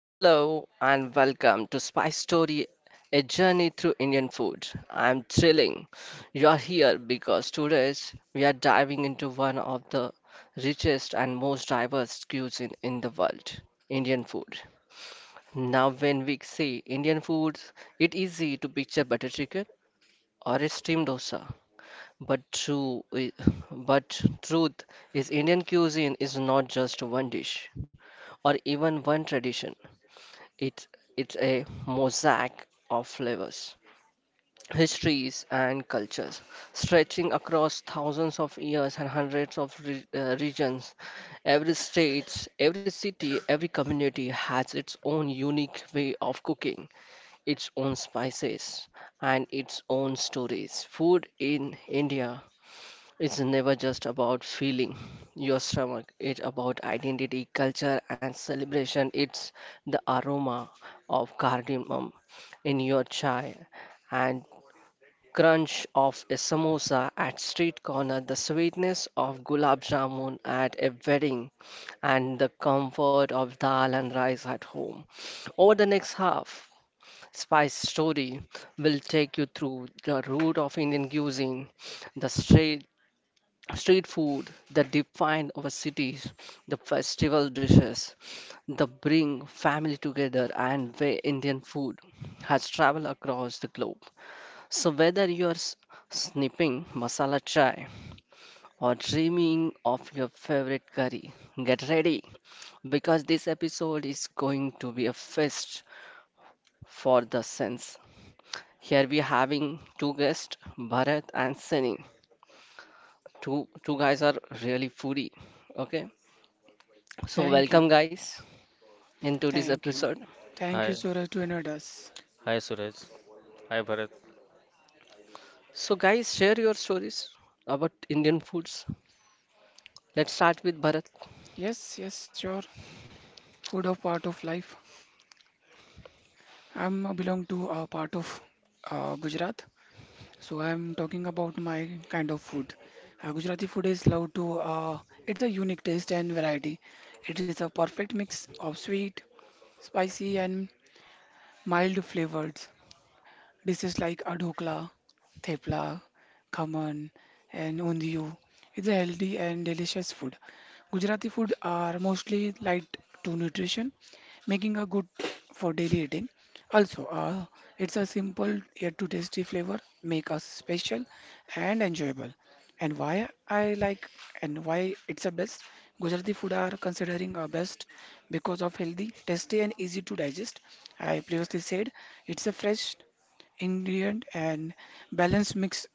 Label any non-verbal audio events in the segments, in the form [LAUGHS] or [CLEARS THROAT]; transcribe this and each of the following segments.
Hello and welcome to Spice Story, a journey through Indian food. I'm thrilling. You are here because today we are diving into one of the richest and most diverse cuisine in the world, Indian food. Now, when we say Indian food, it's easy to picture butter chicken or a steamed dosa. But true, i- but truth is Indian cuisine is not just one dish or even one tradition. It, it's a mosaic of flavors, histories, and cultures, stretching across thousands of years and hundreds of regions. Every state, every city, every community has its own unique way of cooking, its own spices, and its own stories. Food in India it's never just about feeling your stomach, it's about identity, culture, and celebration. It's the aroma of cardamom in your chai and crunch of a samosa at street corner, the sweetness of gulab jamun at a wedding, and the comfort of dal and rice at home. Over the next half, Spice Story will take you through the root of Indian cuisine, the stra street food that define our cities, the festival dishes that bring family together, and way Indian food has traveled across the globe. So, whether you're snipping masala chai or dreaming of your favorite curry, get ready because this episode is going to be a feast for the sense. Here we having two guests, Bharat and Sunny. Two guys are really foodie. Okay, so, Thank you. welcome guys into this Thank you. episode. Thank Hi, you, Suraj, to invite us. hi Suraj. Hi Bharat. So, guys, share your stories about Indian foods. Let's start with Bharat. Yes, yes, sure. Food of part of life. I'm belong to a part of Gujarat, so I'm talking about my kind of food. Gujarati food is loved to. It's a unique taste and variety. It is a perfect mix of sweet, spicy, and mild flavors. Dishes like adhokla, thepla, khaman, and ondiyu is a healthy and delicious food. Gujarati food are mostly light to nutrition, making a good for daily eating. Also, it's a simple yet to tasty flavor, make us special and enjoyable. And why I like and why it's a best Gujarati food are considering a best because of healthy, tasty and easy to digest. I previously said it's a fresh ingredient and balanced mix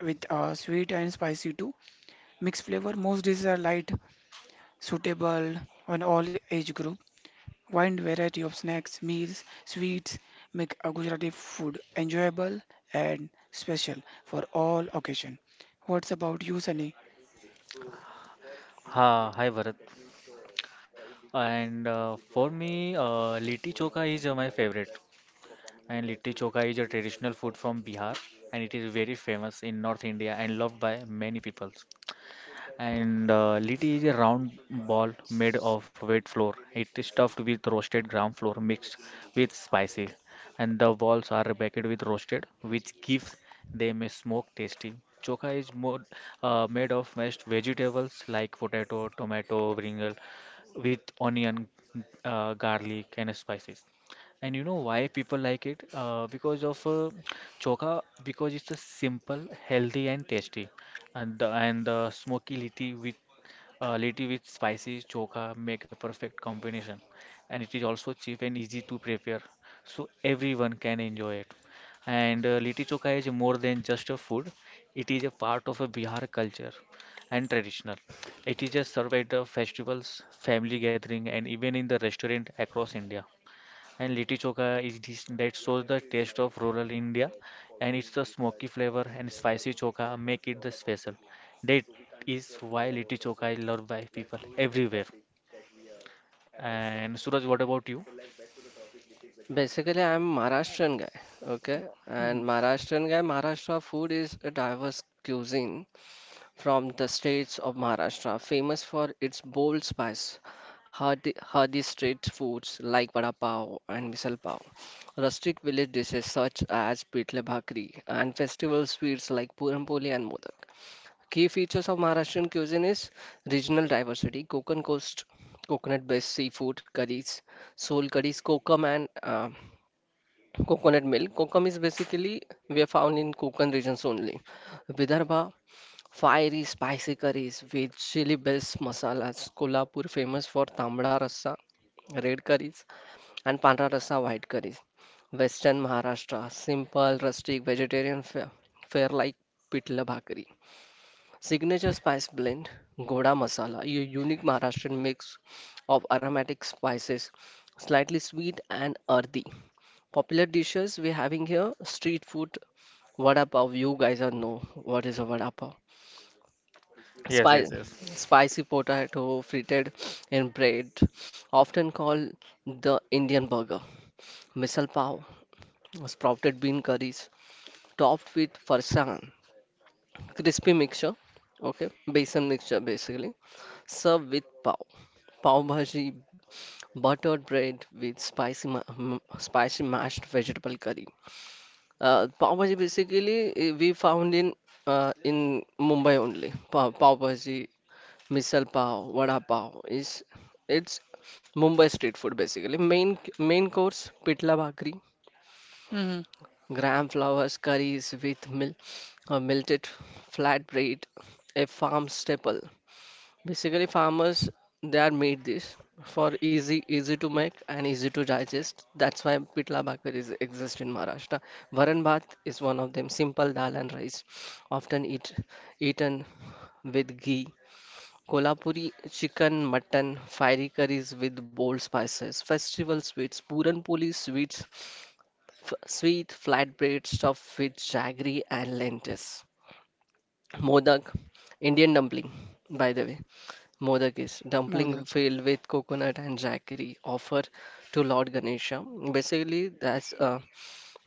with sweet and spicy too. Mixed flavor, most dishes are light, suitable on all age group. Wide variety of snacks, meals, sweets make a Gujarati food enjoyable and special for all occasion. What's about you, Sunny? Hi Bharat. And for me, litti chokha is my favorite. And litti chokha is a traditional food from Bihar, and it is very famous in North India and loved by many people. And liti is a round ball made of wheat flour. It is stuffed with roasted ground flour mixed with spices, and the balls are baked with roasted, which gives them a smoke tasty. Chokha is more made of mashed vegetables like potato, tomato, brinjal, with onion, garlic, and spices. And you know why people like it? Because of chokha, because it's a simple, healthy, and tasty and the smoky litti with spicy choka make a perfect combination. And it is also cheap and easy to prepare, so everyone can enjoy it. And litti choka is more than just a food; it is a part of a Bihar culture and traditional. It is a served at the festivals, family gathering, and even in the restaurant across India. And litti chokha is dish that shows the taste of rural India, and it's the smoky flavor and spicy chokha make it the special. That is why litti chokha is loved by people everywhere. And Suraj, what about you? Basically, I am Maharashtrian guy, okay? And Hmm. Maharashtrian guy, Maharashtra food is a diverse cuisine from the states of Maharashtra, famous for its bold spice, hearty street foods like vada pav and misal pav, rustic village dishes such as pitle bhakri, and festival sweets like puran poli and modak. Key features of Maharashtrian cuisine is regional diversity, Konkan coast, coconut-based seafood curries, soul curries, kokum and coconut milk. Kokum is basically we are found in Konkan regions only. Vidarbha, fiery spicy curries with chili-based masalas. Kolhapur famous for tambda rasa, red curries, and pandra rasa, white curries. Western Maharashtra, simple, rustic, vegetarian fare, fare like pitla bhakri. Signature spice blend, Goda Masala, a unique Maharashtrian mix of aromatic spices, slightly sweet and earthy. Popular dishes we're having here, street food, vada pav. You guys are know what is a vada pav. Yes, yes, Spi yes. spicy potato fritted in bread, often called the Indian burger. Misal pav, sprouted bean curries, topped with farsan. Crispy mixture, okay, besan mixture basically served with pav, pav bhaji, buttered bread with spicy mashed vegetable curry. Pav bhaji basically we found in uh, in mumbai only. Pav bhaji, misal pav, vada pav is it's mumbai street food basically. Main course, pitla bhakri, Hmm. gram flours curries with melted flat bread, a farm staple. Basically, farmers they are made this for easy to make and easy to digest. That's why pitla bhakar is exist in Maharashtra. Varan bhat is one of them. Simple dal and rice, often eat eaten with ghee. Kolhapuri chicken, mutton, fiery curries with bold spices. Festival sweets, puran poli sweets, sweet flatbread stuffed with jaggery and lentils. Modak, Indian dumpling, by the way. Modak is dumpling Modak. filled with coconut and jaggery offered to Lord Ganesha. Basically, that's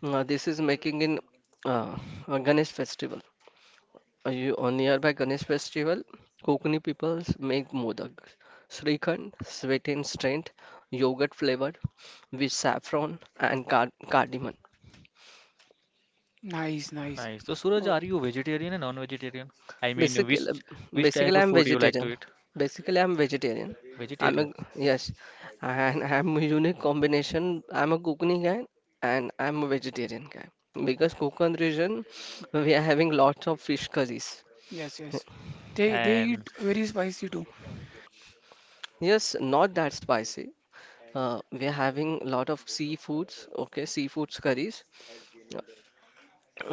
this is making in uh, a Ganesh festival. You, on nearby Ganesh festival, Kokani peoples make modak. Srikhand, sweet and strength, yogurt flavored with saffron and cardamom. Nice, nice. Nice. So Suraj, Oh, are you vegetarian and non-vegetarian? I mean, Basically, which type basically, of I'm food you like vegetarian. to eat? Basically I'm vegetarian. I'm a, Vegetarian yes, and [LAUGHS] I'm a unique combination. I'm a Konkani guy and I'm a vegetarian guy because Konkan region we are having lots of fish curries. yes, yes. They and eat very spicy too. Yes, not that spicy. We are having lot of seafoods, okay, seafoods curries.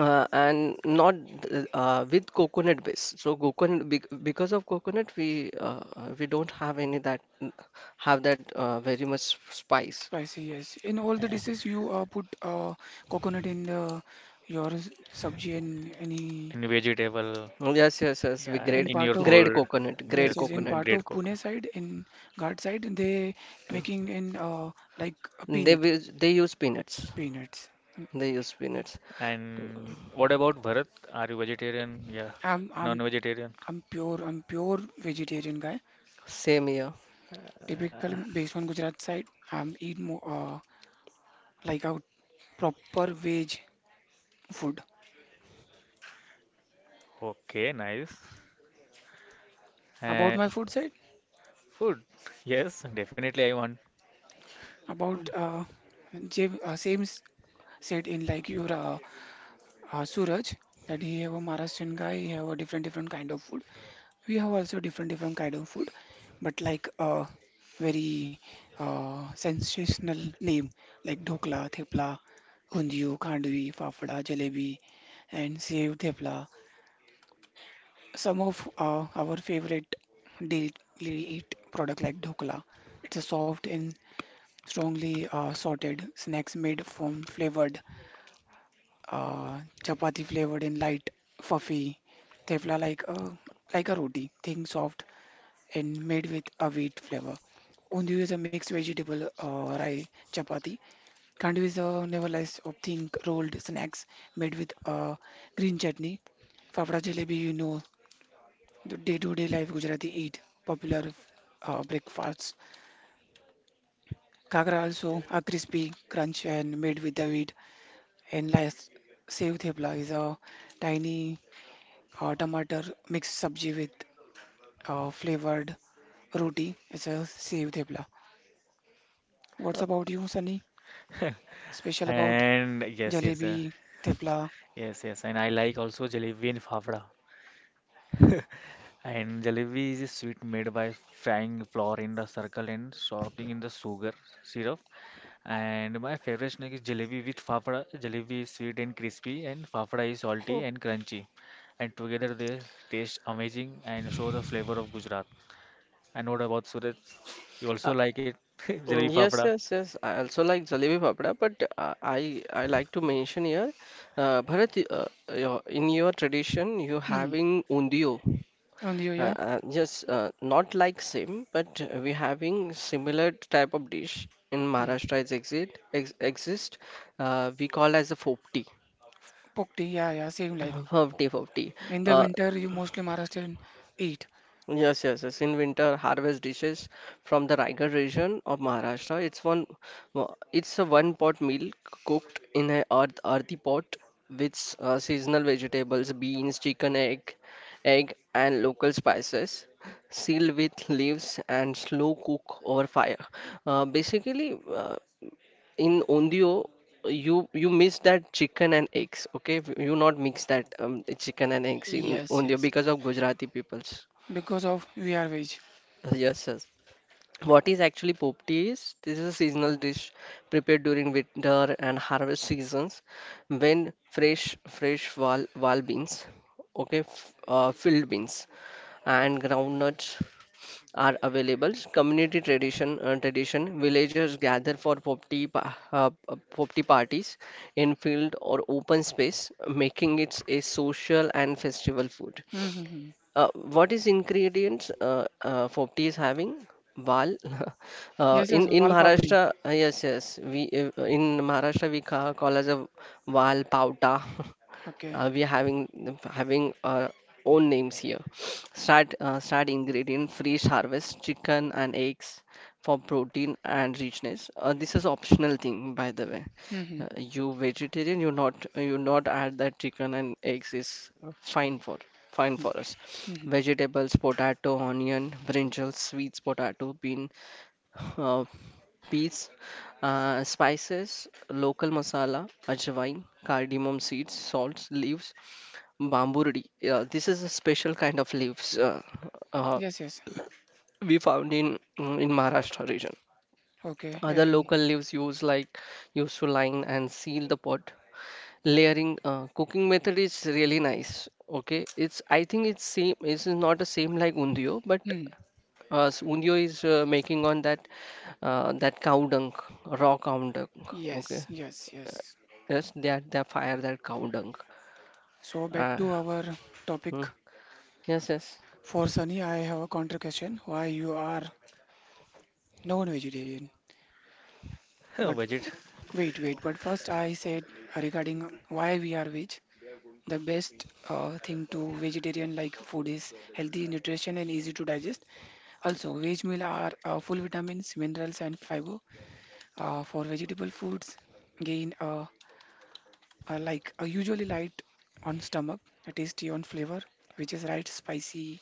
And not th- With coconut base. So coconut because of coconut we don't have any that have that very much spice. Spicy, yes. In all the uh, dishes, you put coconut in the your sabji and any vegetable, Oh, yes, yes, yes. We yeah, grade in in your part of food. Grade yes, Just yes. In coconut. part great of cook. Pune side, in Ghat side, they making in like a peanut, They use peanuts. peanuts. They use peanuts. And what about Bharat? Are you vegetarian? Yeah, I'm non-vegetarian. I'm pure vegetarian guy. Same here. Typical based on Gujarat side, I'm eat more like a proper veg food. Okay, nice. Uh, About my food side, food. Yes, definitely I want. about same said in like your Suraj that he have a Maharashtrian guy, he have a different different kind of food. We have also different different kind of food, but like very sensational name like dhokla, thepla, hundiyu, khandvi, fafda, jalebi, and sev thepla. Some of our favorite daily eat product like dhokla. It's a soft and strongly sorted snacks made from flavored chapati flavored in light, fluffy tefla like a roti, thin, soft, and made with a wheat flavor. Undiyu is a mixed vegetable rye chapati. Kandu is a nevertheless of thin rolled snacks made with green chutney. Fafda jalebi, you know, the day-to-day life Gujarati eat, popular breakfasts. Kagra also a crispy crunch and made with the wheat. And last, sev thepla is a tiny tomato mixed sabji with flavored roti. It's a sev thepla. What's Uh, about you, Sunny? [LAUGHS] Special about And yes, yes, jalebi, thepla? yes, yes. And I like also jalebi and fafda. [LAUGHS] And jalebi is a sweet made by frying flour in the circle and soaking in the sugar syrup. And my favorite snack is jalebi with fafda. Jalebi is sweet and crispy, and fafda is salty oh, and crunchy. And together they taste amazing and show the flavor of Gujarat. And what about Suraj? You also uh, like it? [LAUGHS] Jalebi fafda. yes, yes, yes. I also like jalebi papda, but I like to mention here, Bharat, your, in your tradition you Hmm. having undio. And you, yeah? Yes, not like same, but we having similar type of dish in Hmm. Maharashtra is exist ex exist. We call as a fopti, Pokti, yeah, yeah, same like. [LAUGHS] Fopti. In the Uh, winter, you mostly Maharashtrian eat. Yes, yes, yes. In winter, harvest dishes from the Raigad region of Maharashtra. It's a one-pot meal cooked in a earthy pot with seasonal vegetables, beans, chicken, egg, and local spices, sealed with leaves and slow cook over fire. Basically, in Ondio, you miss that chicken and eggs. Okay, you not mix that chicken and eggs in Yes, Ondio yes. because of Gujarati peoples. Because of we are veg. Yes, yes. What is actually popti is? This is a seasonal dish prepared during winter and harvest seasons when wal beans, okay, filled beans and groundnuts are available. Community tradition tradition villagers gather for popti parties in field or open space, making it a social and festival food. Mm-hmm. Uh, what is ingredients Fopti is having? Wal. [LAUGHS] Yes, yes, in wal papdi. Maharashtra, yes, yes. We in Maharashtra we call as a wal pauta. [LAUGHS] Okay. We are having our own names here. [SNIFFS] Start ingredient: fresh harvest chicken and eggs for protein and richness. This is optional thing, by the way. Mm-hmm. You vegetarian, you not add that chicken and eggs is fine for fine for us. Mm-hmm. Vegetables, potato, onion, brinjal, sweets, potato, bean, uh, peas, spices, local masala, ajwain, cardamom seeds, salts, leaves, bamburi. Yeah, this is a special kind of leaves uh, Yes, yes. we found in Maharashtra region. Okay. Other And local leaves used like used to line and seal the pot, layering cooking method is really nice, okay. It's I think it's same, it's not the same like undio, but hmm. Undio is making on that that cow dung, raw cow dung, okay. Yes, yes, Uh, yes. yes that they fire that cow dung. So back uh, to our topic. mm, yes, yes. For Sunny, I have a counter question. Why you are non-vegetarian? [LAUGHS] But Budget. wait, wait. But first, I said regarding why we are veg. The best thing to vegetarian like food is healthy nutrition and easy to digest. Also, veg meal are full vitamins, minerals, and fiber. For vegetable foods, gain like usually light on stomach, tasty on flavor, which is right spicy.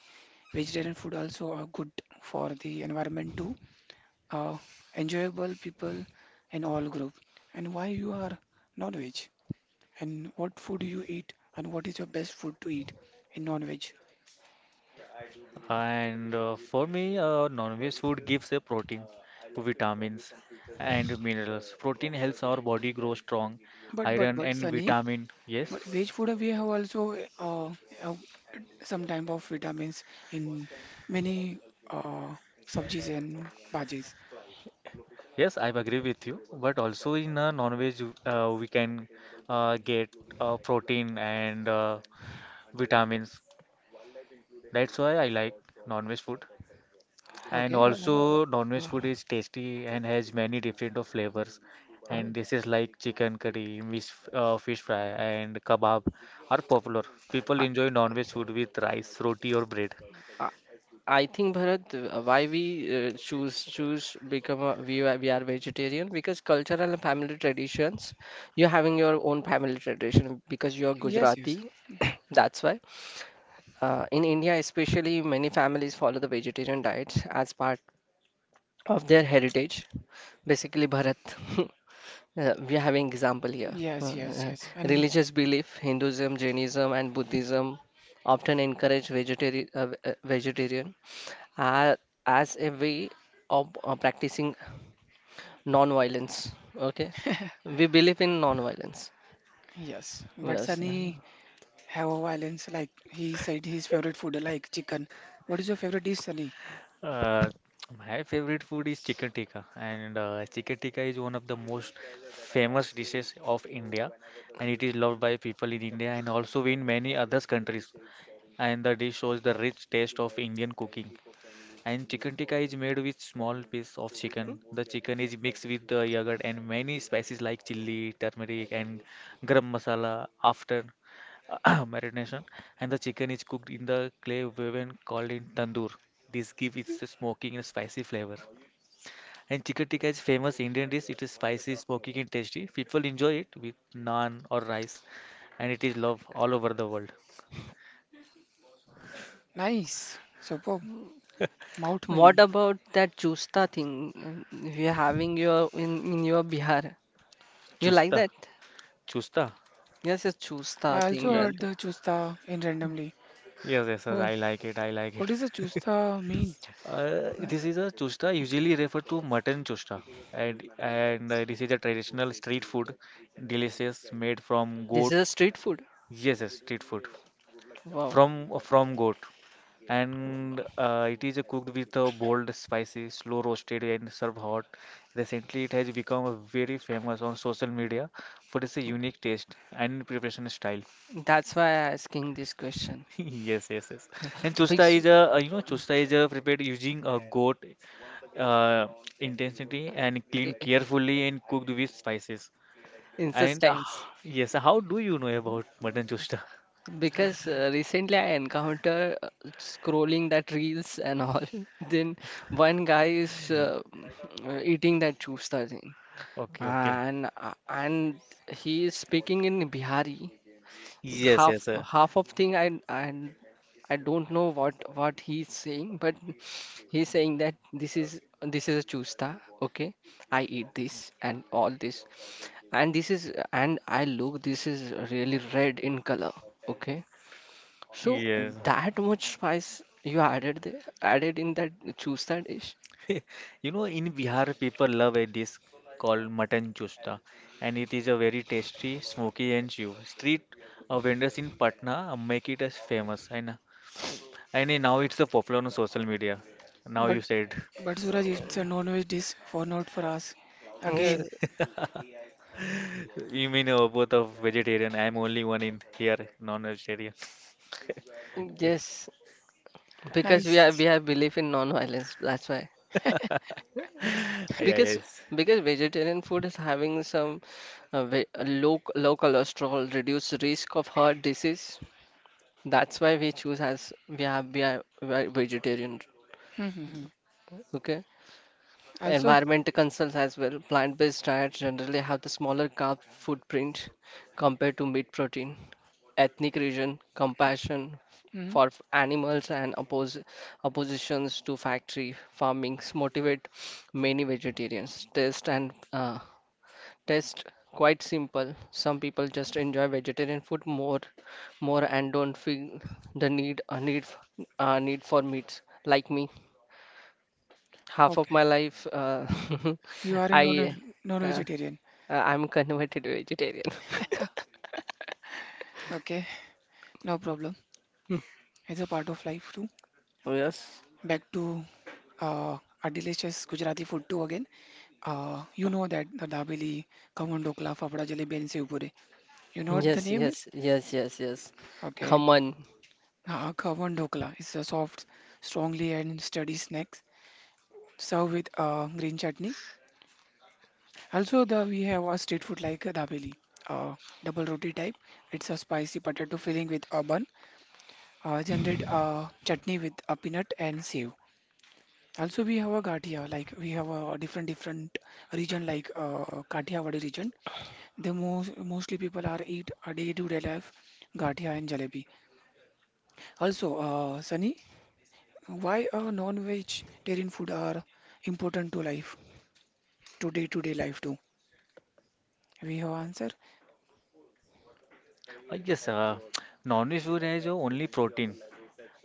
Vegetarian food also are good for the environment too, uh, enjoyable people in all group, and why you are non-veg and what food you eat and what is your best food to eat in non-veg. And for me, non-veg food gives a protein, vitamins, and minerals. Protein helps our body grow strong. but but Iron but and Sunny, vitamin. but veg Yes. food we have also uh, some type of vitamins in many uh, sabjis and bhajis. Yes, I agree with you, but also in a non-veg, we can get protein and vitamins. That's why I like non-veg food. And Okay. uh, also, non-veg food is tasty and has many different of flavors. uh, And this is like chicken curry, fish, fish fry, and kebab are popular. People uh, enjoy non-veg food with rice, roti, or bread. I, I think Bharat, why we choose become a, we are vegetarian because cultural and family traditions. You're having your own family tradition because you're Yes, yes. Gujarati. [COUGHS] That's why. In India, especially, many families follow the vegetarian diet as part of their heritage. Basically, Bharat. [LAUGHS] We are having example here. Yes, yes, yes. And Religious belief, Hinduism, Jainism, and Buddhism often encourage vegetarian vegetarian uh, as a way of practicing non-violence. Okay, we believe in non-violence. yes, but Yes. Sunny have a violence like he said his favorite food like chicken. What is your favorite dish, Sunny? Uh, my favorite food is chicken tikka, and chicken tikka is one of the most famous dishes of India, and it is loved by people in India and also in many other countries. And the dish shows the rich taste of Indian cooking. And chicken tikka is made with small piece of Hmm? chicken. The chicken is mixed with the yogurt and many spices like chili, turmeric, and garam masala after [COUGHS] [CLEARS THROAT] marination. And the chicken is cooked in the clay oven called in tandoor. This gives it a smoking and spicy flavor. And chicken tikka is famous Indian dish. It is spicy, smoking, and tasty. People enjoy it with naan or rice, and it is loved all over the world. Nice. Superb. Mouth What milling. about that chusta thing you're having your in your Bihar? You like Chusta, that? chusta. Yes, it's I chusta also thing Ye- that heard the chusta in randomly. Yes, yes, yes. uh, I like it. I like What it. does the chusta mean? This is a chusta usually referred to mutton chusta, and this is a traditional street food delicious made from this goat. is a street food. Yes, yes, street food Wow, from goat, and it is cooked with a bold spices, slow roasted and served hot. Recently it has become very famous on social media for its unique taste and preparation style. that's why I'm asking this question. [LAUGHS] Yes, yes, yes. And Big chusta s- is a you know chusta is a prepared using a goat uh, intensity and cleaned I- carefully and cooked with spices. And insistence. yes, how do you know about mutton chusta? [LAUGHS] Because recently I encounter scrolling that reels and all. [LAUGHS] Then one guy is eating that chusta thing, Okay, okay. and he is speaking in Bihari. Yes, yes, Half sir. half of thing I don't know what he's saying, but he's saying that this is a chusta. Okay, I eat this and all this, and this is and I look this is really red in color. Okay, so Yes. that much spice you added there, added in that chusta dish. [LAUGHS] You know, in Bihar, people love a dish called mutton chusta, and it is a very tasty, smoky, and chew. Street vendors in Patna make it as famous, and then now it's so popular on social media. Now But you said. but Suraj, it's a non-veg dish for not for us. [LAUGHS] Yes, Again. You mean both of vegetarian? I'm only one in here, non-vegetarian. [LAUGHS] Yeah. yes, because Nice. we have belief in non-violence. That's why. [LAUGHS] Yeah, Because yes. because vegetarian food is having some low cholesterol, reduced risk of heart disease. That's why we choose as we are vegetarian. Hmm, hmm, hmm. Okay. Also, Environmental concerns as well. Plant-based diets generally have the smaller carb footprint compared to meat protein. Ethnic region, compassion hmm, for animals and oppositions to factory farmings motivate many vegetarians. Taste and taste quite simple. Some people just enjoy vegetarian food more, more and don't feel the need a a need for meats like me half of okay. my life You are [LAUGHS] a I uh, non-vegetarian. uh, I'm converted vegetarian. Okay, no problem. [LAUGHS] It's a part of life too. Oh, yes. Back to uh, our delicious Gujarati food too again. You know that the dabeli, khammam dokla, fafda jalebi, and sev puri. You know what the Yes, name is? yes, yes, yes, yes. Okay. Come on, Kawan Dhokla is a soft, strongly and sturdy snack served with green chutney. Also, the we have a street food like dabeli, uh, double roti type. It's a spicy potato filling with a bun, generate chutney with a peanut and save. Also, we have a gatia like we have a different different region like Kathiawadi region. The most mostly people are eat a day to day life gatia and jalebi. Also, Sunny, why a non-veg dairy food are important to life, to day-to-day life too? We have answer. I guess non-veg food has only protein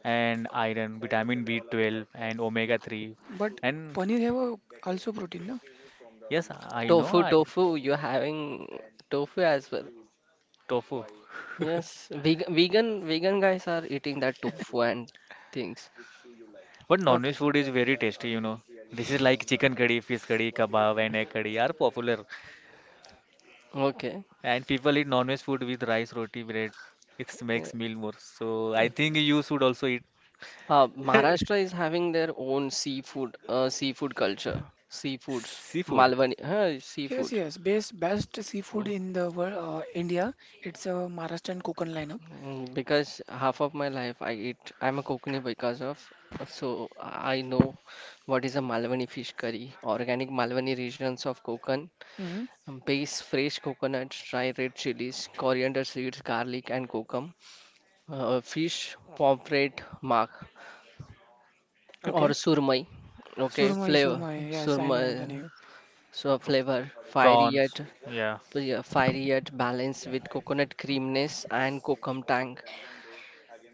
and iron, vitamin B12 and omega-3. But And paneer have a, also protein, no? yes, I know I tofu. You're having tofu as well. tofu. Yes, vegan guys are eating that tofu and things. But non-veg Okay. food is very tasty, you know. This is like chicken curry, fish curry, kebab and egg curry are popular. Okay. And people eat non-veg food with rice, roti, bread. It Yeah. makes meal more. So I think you should also eat. [LAUGHS] Maharashtra is having their own seafood, seafood culture, seafoods, Seafood, Malwani, huh, Yes, seafood. yes. Best best seafood in the world, India. It's a Maharashtrian Konkan lineup. Mm, because half of my life I eat, I'm a Kokani because of, so I know what is a Malwani fish curry, organic Malwani regions of Konkan, Hmm. Base fresh coconuts, dry red chilies, coriander seeds, garlic and kokum, fish, pomfret, mark or Okay. surmai, okay, Surmai, flavor, Surmai. Yes, I know the surmai, name. so pr- flavor, prawns. Yeah. yeah, fiery yet balanced with coconut creaminess and kokum tang.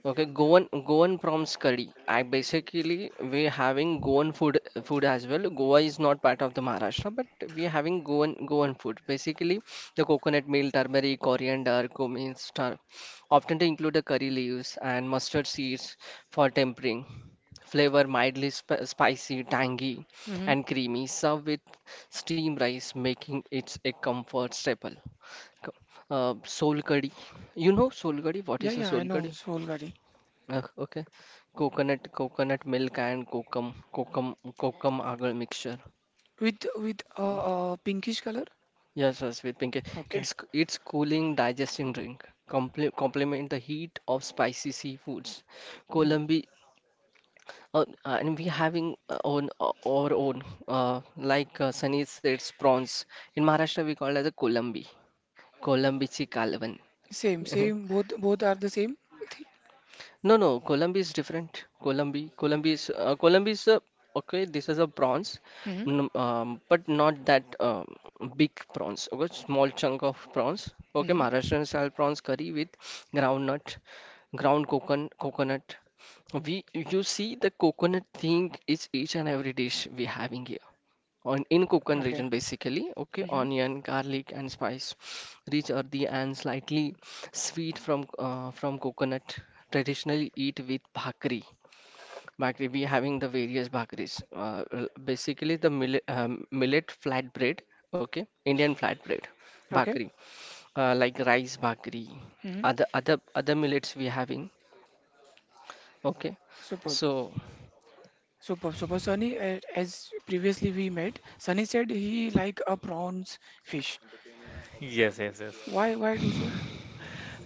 Okay, Goan prawns curry. I basically we're having Goan food as well. Goa is not part of the Maharashtra, but we're having Goan food. Basically, the coconut meal, turmeric, coriander, cumin, star, often to include the curry leaves and mustard seeds for tempering. Flavor mildly sp spicy, tangy, Hmm. and creamy. Serve with steamed rice, making it a comfort staple. Co- soul curry. You know soul curry? What Yeah, is a yeah, I soul know. curry? Solgari. Okay. Coconut milk and kokum agar mixture. With a pinkish color. Yes, yes, with pinky. Okay. It's cooling, digesting drink. Complement the heat of spicy seafoods. Hmm. Colombi, and we having own our own. Like Sunny says, prawns. In Maharashtra, we call it as a Colombi. Colombichi kalvan. Same, same. Both both are the same. No, no, Columbi is different. Columbi is a, okay. This is a prawns, Mm-hmm. But not that big prawns. Okay, small chunk of prawns. Okay, Mm-hmm. Maharashtrian style prawns curry with groundnut, ground coconut. We you see the coconut thing is each and every dish we having here on in Konkan Okay. region basically, okay, Mm-hmm. onion, garlic, and spice rich, earthy, and slightly sweet from coconut, traditionally eat with bhakri. We having the various bhakris, basically the millet flatbread, okay, Indian flatbread, Okay. bhakri, like rice bhakri, other millets we having. Okay, Superb, so superb, superb. Sunny, as previously we met, Sunny said he like a prawns fish. Yes, yes, yes. Why do so?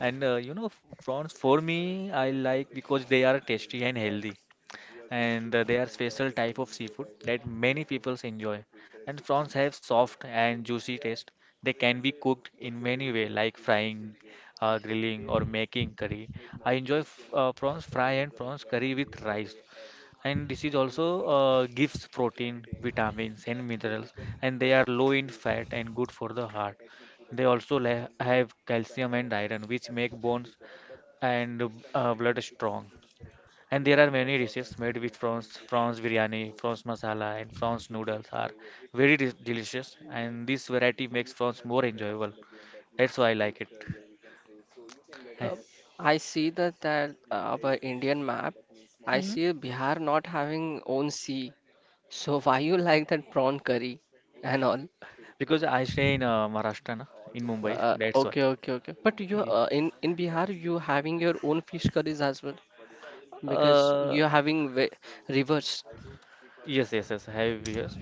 And you know, prawns for me, I like because they are tasty and healthy. And they are special type of seafood that many people enjoy. And prawns have soft and juicy taste. They can be cooked in many way like frying, grilling or making curry. I enjoy f prawns fry and prawns curry with rice. And this is also gives protein, vitamins and minerals, and they are low in fat and good for the heart. They also la have calcium and iron which make bones and blood strong. And there are many dishes made with prawns, prawns biryani, prawns masala, and prawns noodles are delicious. And this variety makes prawns more enjoyable. That's why I like it. Uh, I see that our Indian map, I Hmm? see Bihar not having own sea. So why you like that prawn curry and all? [LAUGHS] Because I stay in Maharashtra, na, in Mumbai. That's why. Okay, okay, okay. But you Yeah. in Bihar you having your own fish curries as well because Uh, you're having rivers. yes, yes, yes. I have yes.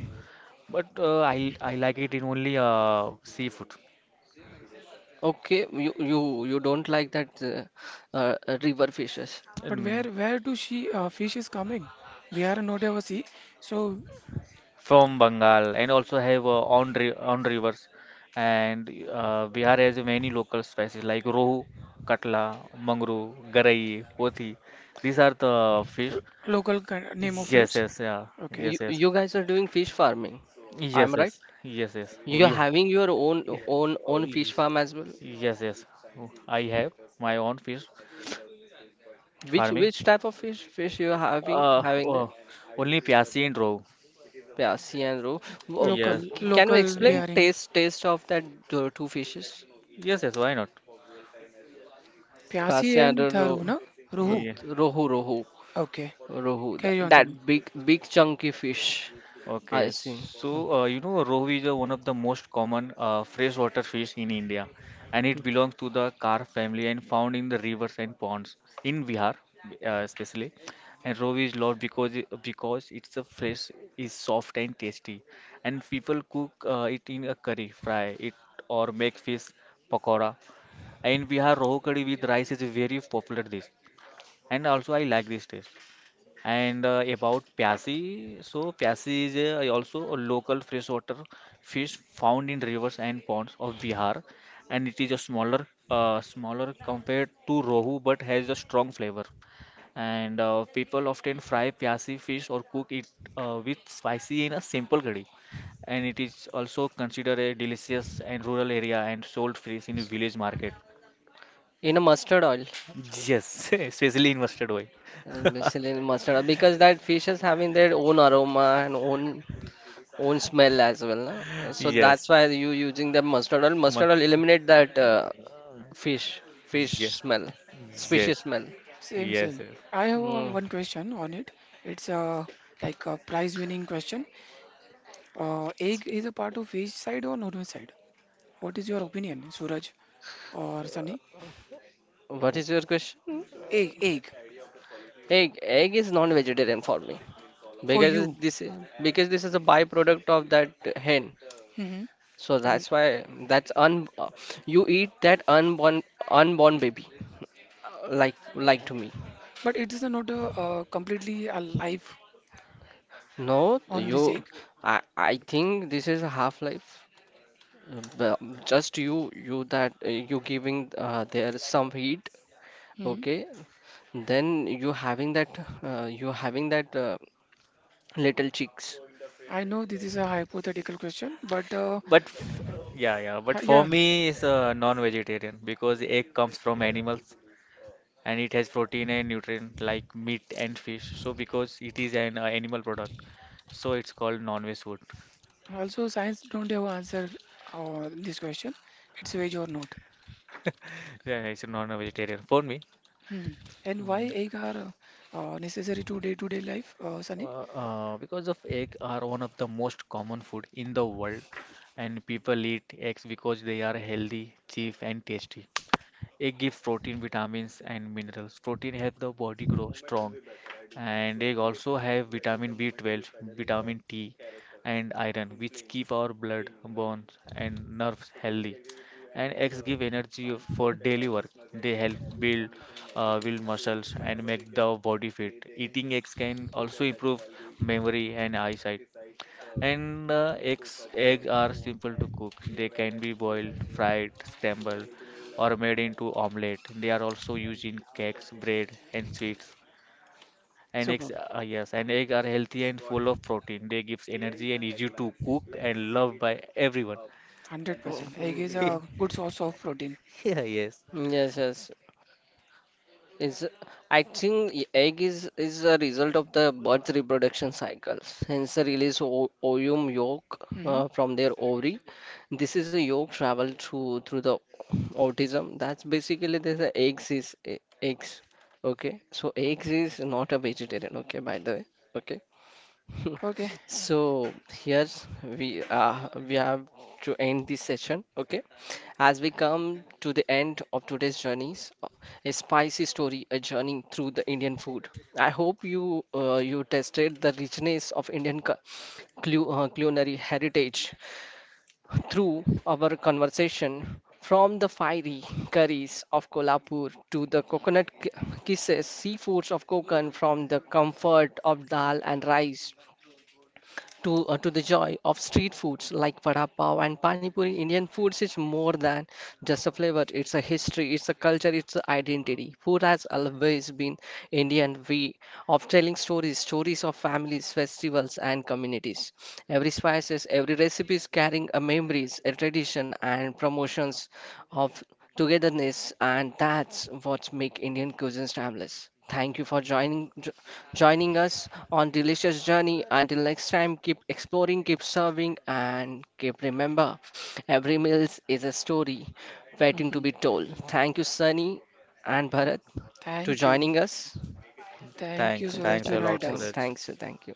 But I like it in only seafood. Okay, you you don't like that river fishes. But And where do she fish is coming? We are not ever see. So from Bengal and also have on on rivers, and Bihar has many local species like rohu, katla, mangro, garai, pothi. These are the fish. l- local name of Yes, fish. yes, yeah, Okay. You yes, yes, you guys are doing fish farming. yes, I'm yes, right. yes, yes. You're having your own y- own own fish farm as well. yes, yes. I have my own fish Which farming. which type of fish you having Uh, having oh, there? only pyasi and rohu. Yeah, sea and roe. Wo- Yes, Local, Can you local Eh, explain bearing. taste of that two fishes? yes, yes. Why not? Pyasi Gracia and and Tharu, roe, na? Ruhu. Yeah. rohu rohu Okay. rohu. That, Carry on, that Sunny. big chunky fish. Okay, I see. so Hmm. You know, rohu is one of the most common freshwater fish in India, and it belongs to the carp family and found in the rivers and ponds in Bihar, especially. And rohu is loved because its a flesh is soft and tasty, and people cook it in a curry, fry it, or make fish pakora. And in Bihar, rohu curry with rice is a very popular dish, and also I like this taste. And about Pyasi, so Pyasi is a, also a local freshwater fish found in rivers and ponds of Bihar, and it is a smaller, smaller compared to Rohu, but has a strong flavor. And people often fry Pyasi fish or cook it with spicy in a simple curry. And it is also considered a delicious and rural area and sold fresh in village market. In a mustard oil, Yes, [LAUGHS] especially in mustard oil. [LAUGHS] Basically in mustard oil, because that fish is having their own aroma and own smell as well, na? So that's Yes. why you using the mustard oil. Ma- Mustard oil eliminate that. Fish, fish yeah. smell, Yes, yes, species smell. Same, yes. same. I have Hmm. one question on it. It's like a prize winning question. Egg is a part of which side or north side? What is your opinion, Suraj or Sunny? What is your question? Egg, egg Egg, egg is non-vegetarian for me for because you. This is a byproduct of that hen. Hmm. So And, that's why that's un you eat that unborn baby, like to me. but it is not a, completely alive No, on this you egg. I think this is a half-life. But Just you giving there some heat. Hmm. Okay, then you having that little chicks. I know this is a hypothetical question, but But f- yeah, yeah. But for yeah, me, it's a non-vegetarian because egg comes from animals, and it has protein and nutrient like meat and fish. So because it is an animal product, so it's called non-veg food. also science don't have answer this question. It's veg or not. [LAUGHS] Yeah, it's a non-vegetarian for me. Hmm. And why Mm, egg are necessary to day-to-day life, Sunny? Because of egg are one of the most common food in the world, and people eat eggs because they are healthy, cheap, and tasty. Egg gives protein, vitamins, and minerals. Protein helps the body grow strong, and egg also have vitamin B12, vitamin T, and iron, which keep our blood, bones, and nerves healthy. And eggs give energy for daily work. They help build muscles and make the body fit. Eating eggs can also improve memory and eyesight. And eggs are simple to cook. They can be boiled, fried, scrambled, or made into omelette. They are also used in cakes, bread, and sweets. And eggs, Super, yes, and egg are healthy and full of protein. They gives energy and easy to cook and loved by everyone. 100%. Egg is Mhm. a [LAUGHS] good source of protein. Yeah, yes. Yes, yes. Is I think egg is a result of the bird's reproduction cycles. Hence, they release o ovum yolk Mhm. From their ovary. This is a yolk travel through through the autism. That's basically there's a eggs is eggs. Okay, so eggs is not a vegetarian. Okay, by the way. Okay, Okay. [LAUGHS] so here we have to end this session, okay? As we come to the end of today's journeys, a spicy story, a journey through the Indian food. I hope you tasted the richness of Indian culinary heritage through our conversation. From the fiery curries of Kolhapur to the coconut kisses, seafoods of Konkan, from the comfort of dal and rice to the joy of street foods like vada pav and pani puri. Indian foods is more than just a flavor. It's a history, it's a culture, it's an identity. Food has always been Indian way of telling stories, stories of families, festivals, and communities. Every spices, every recipe is carrying a memories, a tradition, and promotions of togetherness, and that's what make Indian cuisine timeless. Thank you for joining us on delicious journey. Until next time, keep exploring, keep serving, and keep remember every meal is a story waiting to Hmm. be told. Thank you, Sunny and Bharat, to Thank you. joining us. Thank you, Thanks, Thank you, Suraj, thanks to a lot, invite us. Suraj. Thank you.